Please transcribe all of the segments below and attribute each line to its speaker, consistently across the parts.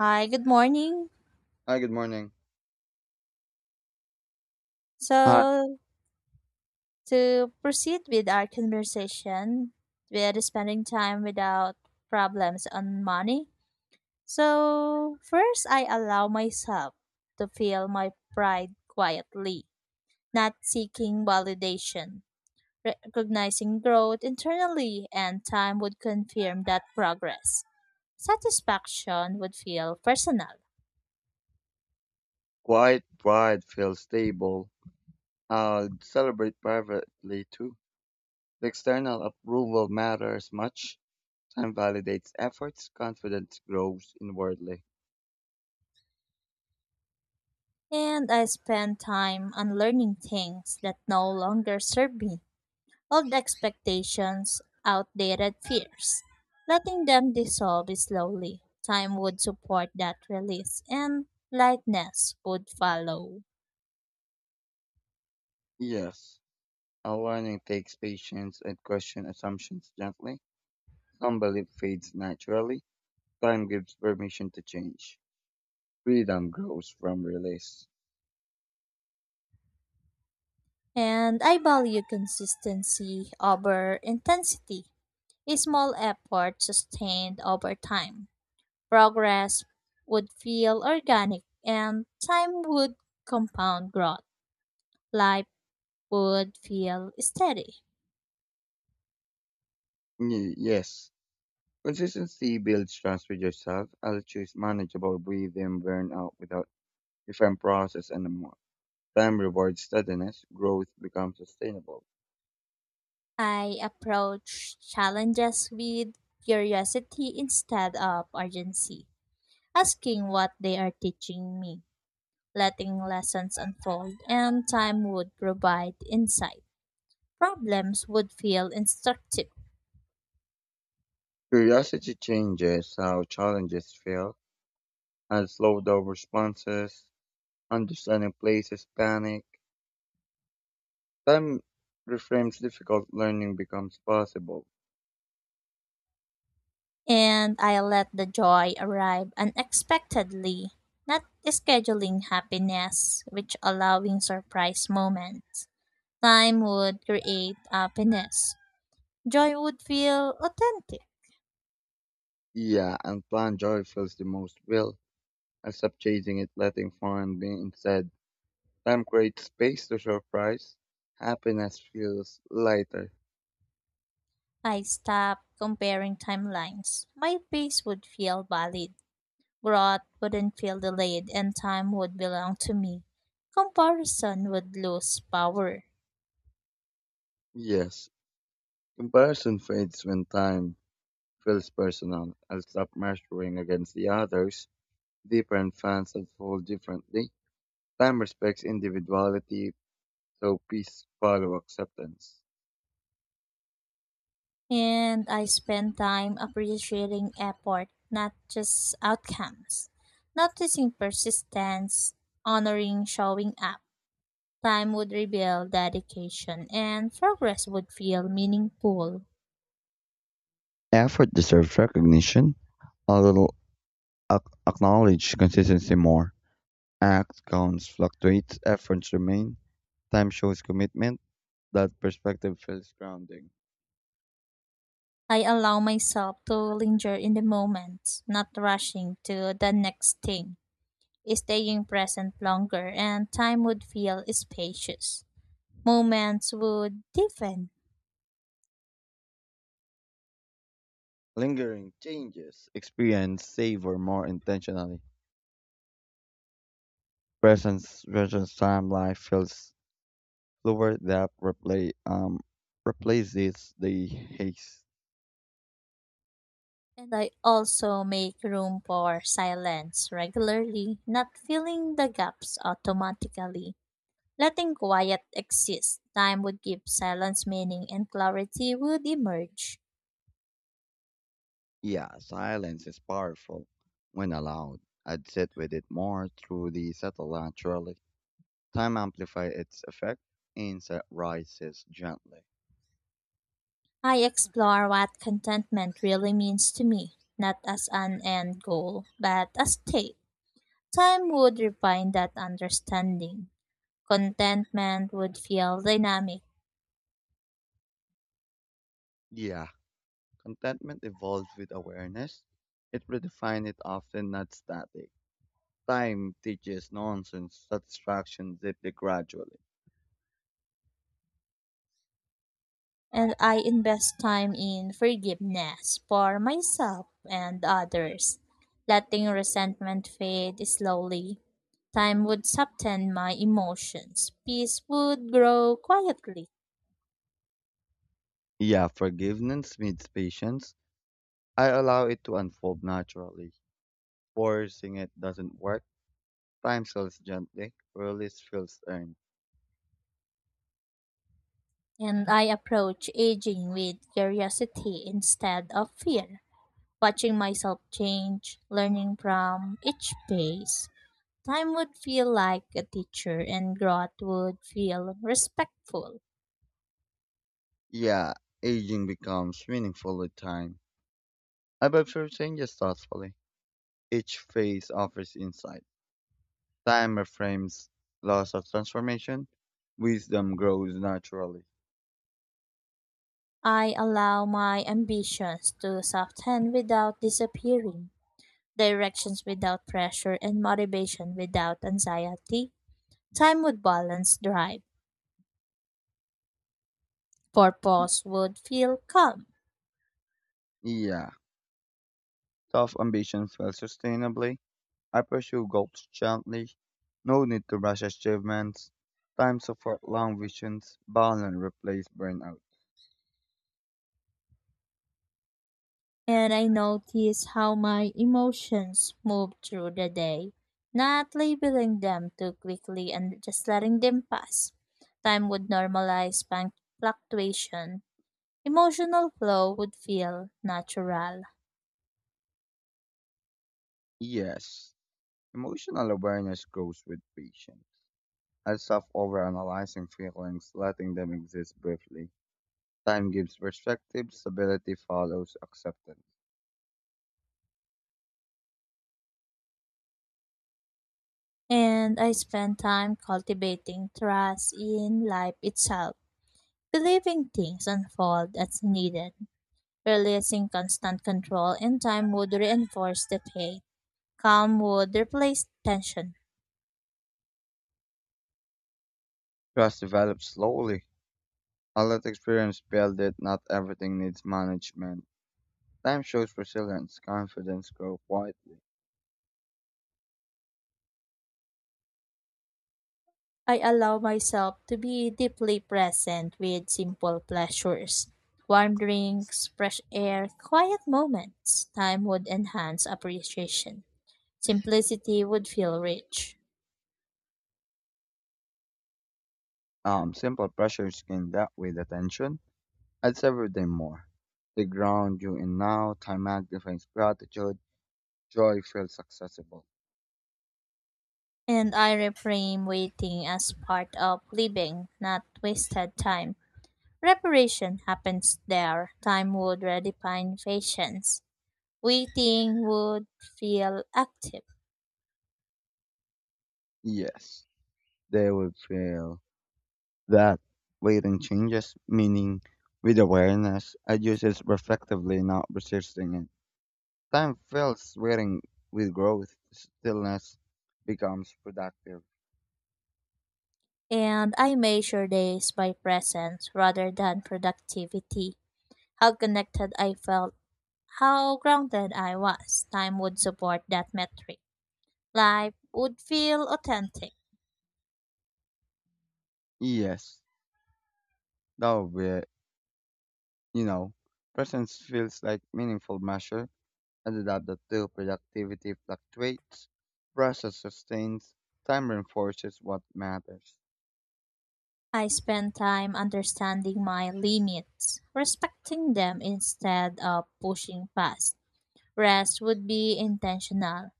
Speaker 1: Hi, good morning.
Speaker 2: Hi, good morning. Uh,
Speaker 1: So, to proceed with our conversation, we are spending time without problems on money. So, first, I allow myself to feel my pride quietly, not seeking validation, recognizing growth internally, and time would confirm that progress. Satisfaction would feel personal,
Speaker 2: Quite wide feels stable. I'll celebrate privately too. The external approval matters much. Time validates efforts, confidence grows inwardly.
Speaker 1: and I spend time on learning things that no longer serve me old expectations, outdated fears. Letting them dissolve slowly. Time would support that release, and lightness would follow.
Speaker 2: Yes, a learning takes patience and question assumptions gently. Some belief fades naturally. Time gives permission to change. Freedom grows from release.
Speaker 1: And I value consistency over intensity. A small effort sustained over time. Progress would feel organic, and time would compound growth. Life would feel steady.
Speaker 2: Yes, consistency builds trust with yourself. I'll choose manageable breathing burnout without different process and the more time rewards steadiness, growth becomes sustainable.
Speaker 1: I approach challenges with curiosity instead of urgency, asking what they are teaching me, letting lessons unfold, and time would provide insight. Problems would feel instructive,
Speaker 2: Curiosity changes how challenges feel and slow down responses, understanding places panic. Time reframes difficult learning becomes possible.
Speaker 1: and I let the joy arrive unexpectedly, not scheduling happiness, which allowing surprise moments. Time would create happiness. Joy would feel authentic.
Speaker 2: Yeah, and planned joy feels the most real. I stop chasing it, letting fun be instead. Time creates space to surprise. Happiness feels lighter.
Speaker 1: I stopped comparing timelines. My pace would feel valid, growth wouldn't feel delayed, and time would belong to me. Comparison would lose power.
Speaker 2: Yes, comparison fades when time feels personal and stop measuring against the others. Different fans unfold differently. Time respects individuality, so peace follow acceptance.
Speaker 1: And I spent time appreciating effort, not just outcomes. Noticing persistence, honoring showing up. Time would reveal dedication, and progress would feel meaningful.
Speaker 2: Effort deserves recognition, a little acknowledge consistency more. Act counts fluctuates, efforts remain. Time shows commitment, that perspective feels grounding.
Speaker 1: I allow myself to linger in the moment, not rushing to the next thing, staying present longer, and time would feel spacious. Moments would deepen,
Speaker 2: Lingering changes, experience savor more intentionally. Presence versus time life feels slower that replaces the haze.
Speaker 1: and I also make room for silence regularly, not filling the gaps automatically. Letting quiet exist, time would give silence meaning, and clarity would emerge.
Speaker 2: Yeah, silence is powerful when allowed. I'd sit with it more through the subtle naturally. Time amplifies its effect, insight rises gently.
Speaker 1: I explore what contentment really means to me, not as an end goal, but a state. Time would refine that understanding. Contentment would feel dynamic,
Speaker 2: Yeah, contentment evolves with awareness. It redefines it often not static. Time teaches nonsense, satisfaction deeply gradually.
Speaker 1: and I invest time in forgiveness for myself and others, letting resentment fade slowly. Time would soften my emotions. Peace would grow quietly.
Speaker 2: Yeah, forgiveness needs patience. I allow it to unfold naturally. Forcing it doesn't work. Time sells gently. Release feels earned.
Speaker 1: And I approach aging with curiosity instead of fear, watching myself change, learning from each phase. Time would feel like a teacher, and growth would feel respectful.
Speaker 2: Yeah, aging becomes meaningful with time. I've observed changes thoughtfully. Each phase offers insight. Time reframes loss of transformation. Wisdom grows naturally.
Speaker 1: I allow my ambitions to soften without disappearing, directions without pressure, and motivation without anxiety. Time would balance drive, purpose would feel calm.
Speaker 2: Yeah, tough ambition fails sustainably. I pursue goals gently. No need to rush achievements. Time support long visions. Balance replace burnout.
Speaker 1: And I notice how my emotions move through the day, not labeling them too quickly and just letting them pass. Time would normalize fluctuation. Emotional flow would feel natural.
Speaker 2: Yes. Emotional awareness grows with patience. I stop overanalyzing feelings, letting them exist briefly. Time gives perspective, stability follows acceptance.
Speaker 1: And I spend time cultivating trust in life itself, believing things unfold as needed, releasing constant control, and time would reinforce the faith. Calm would replace tension.
Speaker 2: Trust develops slowly. I let experience build it, not everything needs management. Time shows resilience, confidence grows quietly.
Speaker 1: I allow myself to be deeply present with simple pleasures. Warm drinks, fresh air, quiet moments. Time would enhance appreciation. Simplicity would feel rich.
Speaker 2: Simple pressures gain that with attention. I'd savor them more. They ground you in now, time magnifies gratitude, joy feels accessible.
Speaker 1: And I reframe waiting as part of living, not wasted time. Reparation happens there. Time would redefine patience. Waiting would feel active.
Speaker 2: Yes, they will feel that waiting changes, meaning with awareness, I use it reflectively, not resisting it. Time fills waiting with growth, stillness becomes productive.
Speaker 1: And I measure days by presence rather than productivity. How connected I felt, how grounded I was. Time would support that metric. Life would feel authentic.
Speaker 2: Yes, that would be it. You know, presence feels like meaningful measure, and that the two productivity fluctuates, process sustains, time reinforces what matters.
Speaker 1: I spend time understanding my limits, respecting them instead of pushing past. Rest would be intentional.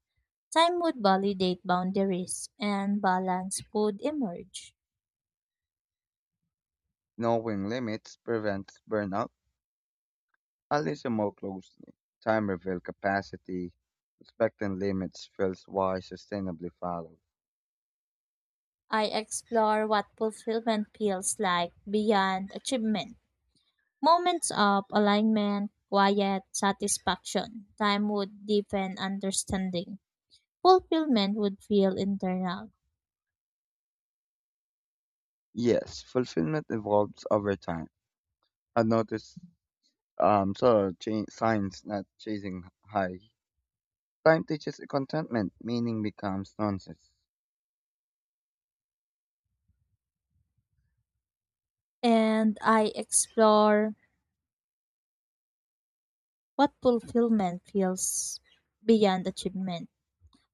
Speaker 1: Time would validate boundaries and balance would emerge.
Speaker 2: Knowing limits prevents burnout. I listen more closely. Time reveals capacity. Respecting limits feels why sustainably follows.
Speaker 1: I explore what fulfillment feels like beyond achievement. Moments of alignment, quiet satisfaction. Time would deepen understanding. Fulfillment would feel internal.
Speaker 2: Yes, fulfillment evolves over time. I noticed signs not chasing high. Time teaches contentment, meaning becomes nonsense.
Speaker 1: And I explore what fulfillment feels beyond achievement.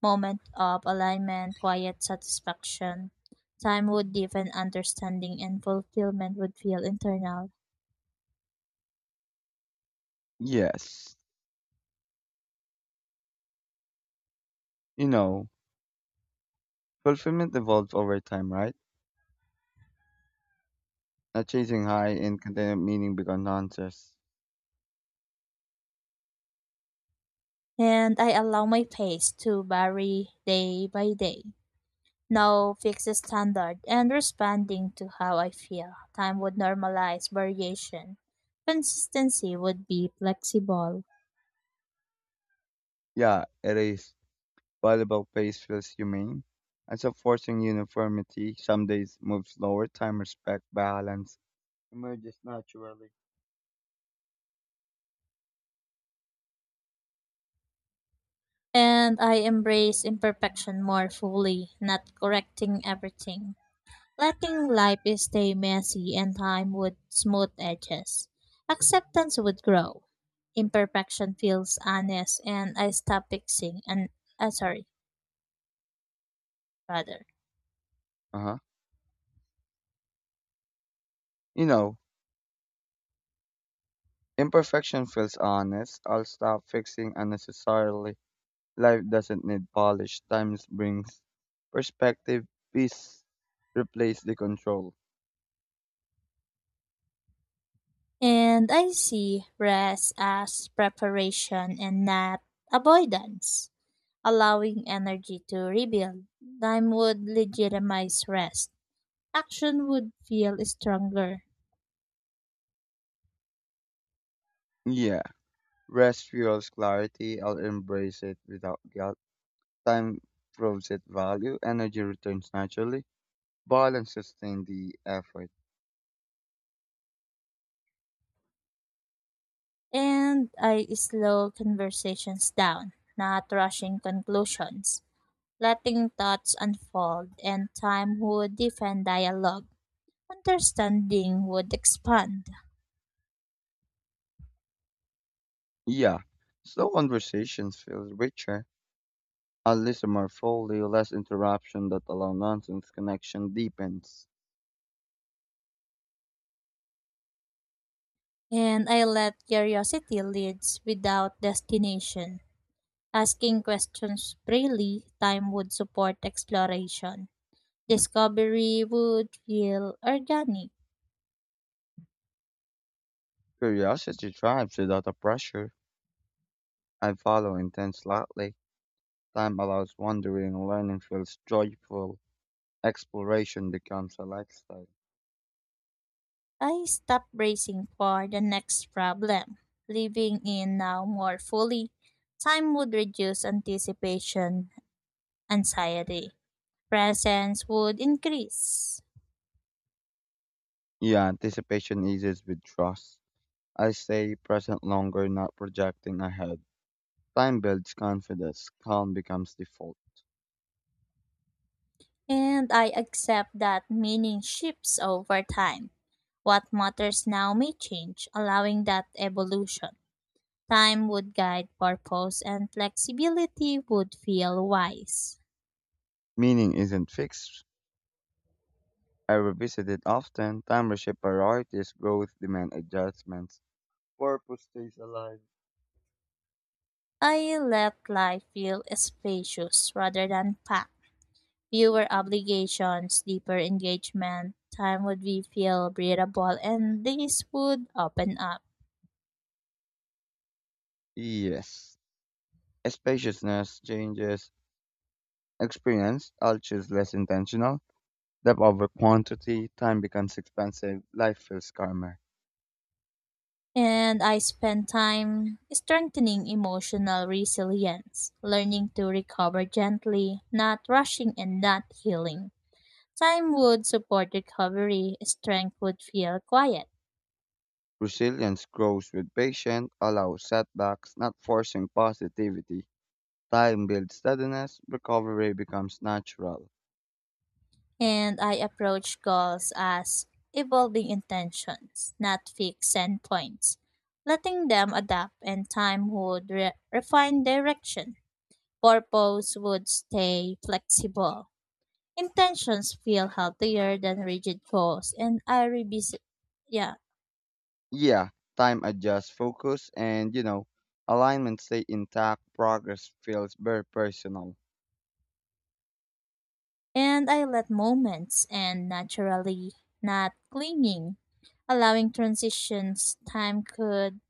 Speaker 1: Moment of alignment, quiet satisfaction. Time would deepen understanding and fulfillment would feel internal.
Speaker 2: Yes, you know, fulfillment evolves over time, right? Not chasing high and contentment, meaning becomes nonsense.
Speaker 1: And I allow my pace to vary day by day. No fixed standard and responding to how I feel. Time would normalize variation. Consistency would be flexible.
Speaker 2: Yeah, it is. Volleyball pace feels humane, and so forcing uniformity, some days move slower, time respect, balance emerges naturally.
Speaker 1: And I embrace imperfection more fully, not correcting everything. Letting life stay messy and time would smooth edges. Acceptance would grow. Imperfection feels honest and I stop fixing and sorry, rather.
Speaker 2: Uh-huh. You know, imperfection feels honest. I'll stop fixing unnecessarily. Life doesn't need polish. Time brings perspective, peace, replace the control.
Speaker 1: And I see rest as preparation and not avoidance, allowing energy to rebuild. Time would legitimize rest. Action would feel stronger.
Speaker 2: Yeah. Rest fuels clarity. I'll embrace it without guilt. Time proves its value. Energy returns naturally. Balance sustains the effort.
Speaker 1: And I slow conversations down, not rushing conclusions, letting thoughts unfold, and time would defend dialogue. Understanding would expand,
Speaker 2: Yeah, slow conversations feel richer. I listen more fully, less interruption that allow nonsense connection deepens.
Speaker 1: and I let curiosity lead without destination. Asking questions freely, time would support exploration. Discovery would feel organic.
Speaker 2: Curiosity thrives without a pressure. I follow intense lightly. Time allows wandering, learning feels joyful. Exploration becomes a lifestyle.
Speaker 1: I stopped bracing for the next problem. Living in now more fully, time would reduce anticipation, anxiety. Presence would increase.
Speaker 2: Yeah, anticipation eases with trust. I stay present longer, not projecting ahead. Time builds confidence, calm becomes default.
Speaker 1: And I accept that meaning shifts over time. What matters now may change, allowing that evolution. Time would guide purpose and flexibility would feel wise.
Speaker 2: Meaning isn't fixed, I revisit it often. Time reshapes priorities, growth demand adjustments. Purpose stays alive.
Speaker 1: I let life feel spacious rather than packed. Fewer obligations, deeper engagement, time would be feel breathable and this would open up.
Speaker 2: Yes. Spaciousness changes experience. I'll choose less intentional. Depth over quantity. Time becomes expensive. Life feels calmer.
Speaker 1: And I spent time strengthening emotional resilience, learning to recover gently, not rushing and not healing. Time would support recovery, strength would feel quiet.
Speaker 2: Resilience grows with patience. Allow setbacks, not forcing positivity. Time builds steadiness. Recovery becomes natural.
Speaker 1: And I approach goals as evolving intentions, not fixed endpoints. Letting them adapt and time would refine direction. Purpose would stay flexible. Intentions feel healthier than rigid goals, and I revisit, yeah,
Speaker 2: Yeah, time adjusts focus and, you know, alignment stay intact, progress feels very personal.
Speaker 1: and I let moments and naturally, not clinging allowing transitions time could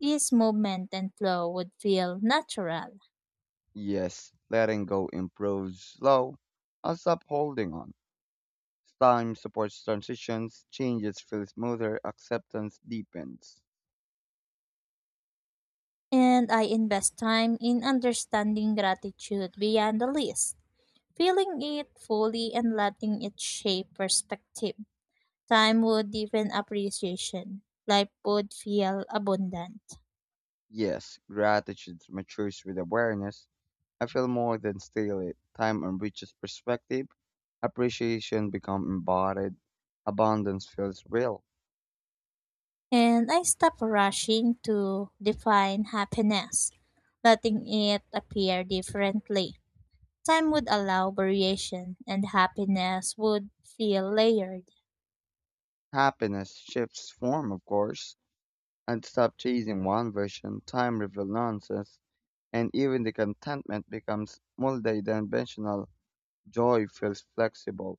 Speaker 1: ease movement and flow would feel natural.
Speaker 2: Yes, letting go improves slow. I'll stop holding on. Time supports transitions, changes feel smoother, acceptance deepens.
Speaker 1: And I invest time in understanding gratitude beyond the list, feeling it fully and letting it shape perspective. Time would deepen appreciation. Life would feel abundant.
Speaker 2: Yes, gratitude matures with awareness. I feel more than steely. Time enriches perspective. Appreciation becomes embodied. Abundance feels real.
Speaker 1: And I stop rushing to define happiness, letting it appear differently. Time would allow variation, and happiness would feel layered.
Speaker 2: Happiness shifts form, of course. And stop chasing one version, time revelances, and even the contentment becomes multidimensional. Joy feels flexible.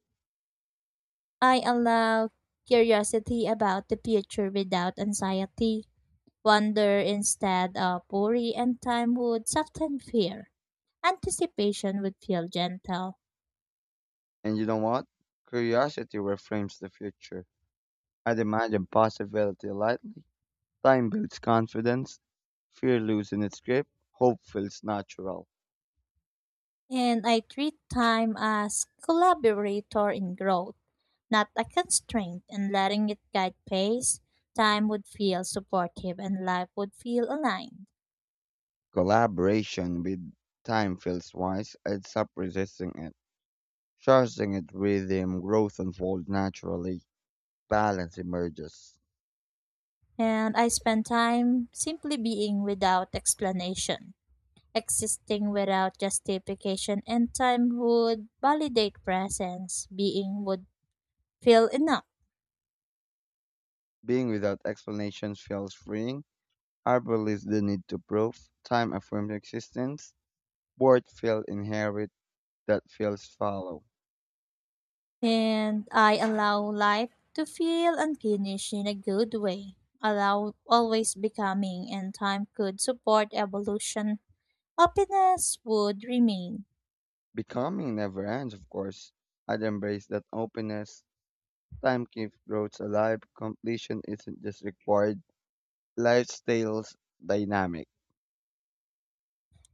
Speaker 1: I allow curiosity about the future without anxiety. Wonder instead of worry and time would soften fear. Anticipation would feel gentle.
Speaker 2: And you know what? Curiosity reframes the future. I'd imagine possibility lightly. Time builds confidence. Fear loses its grip. Hope feels natural.
Speaker 1: And I treat time as collaborator in growth, not a constraint, and letting it guide pace, time would feel supportive and life would feel aligned.
Speaker 2: Collaboration with time feels wise. I'd stop resisting it. Trusting it rhythm, growth unfolds naturally. Balance emerges.
Speaker 1: And I spend time simply being without explanation existing without justification and time would validate presence being would feel enough
Speaker 2: Being without explanations feels freeing. Arbor leaves the need to prove. Time affirms existence. Bored feel inherit. That feels follow.
Speaker 1: and I allow life to feel unfinished in a good way, allow always becoming, and time could support evolution. Happiness would remain.
Speaker 2: Becoming never ends, of course. I'd embrace that openness. Time keeps growth alive. Completion isn't just required. Life stays dynamic.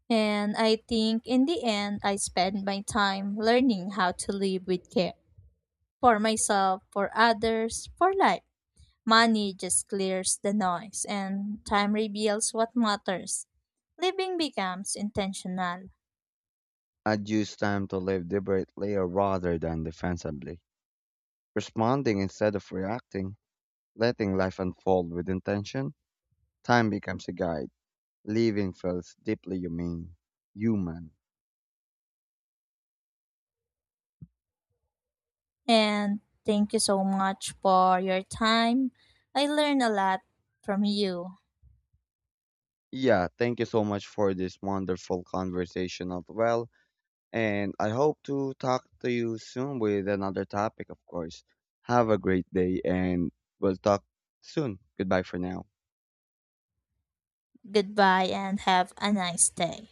Speaker 1: And I think in the end, I spend my time learning how to live with care for myself, for others, for life. Money just clears the noise, and time reveals what matters. Living becomes intentional.
Speaker 2: I'd use time to live deliberately rather than defensively. Responding instead of reacting. Letting life unfold with intention. Time becomes a guide. Living feels deeply human. Human.
Speaker 1: And thank you so much for your time. I learned a lot from you.
Speaker 2: Yeah, thank you so much for this wonderful conversation as well. And I hope to talk to you soon with another topic, of course. Have a great day and we'll talk soon. Goodbye for now.
Speaker 1: Goodbye and have a nice day.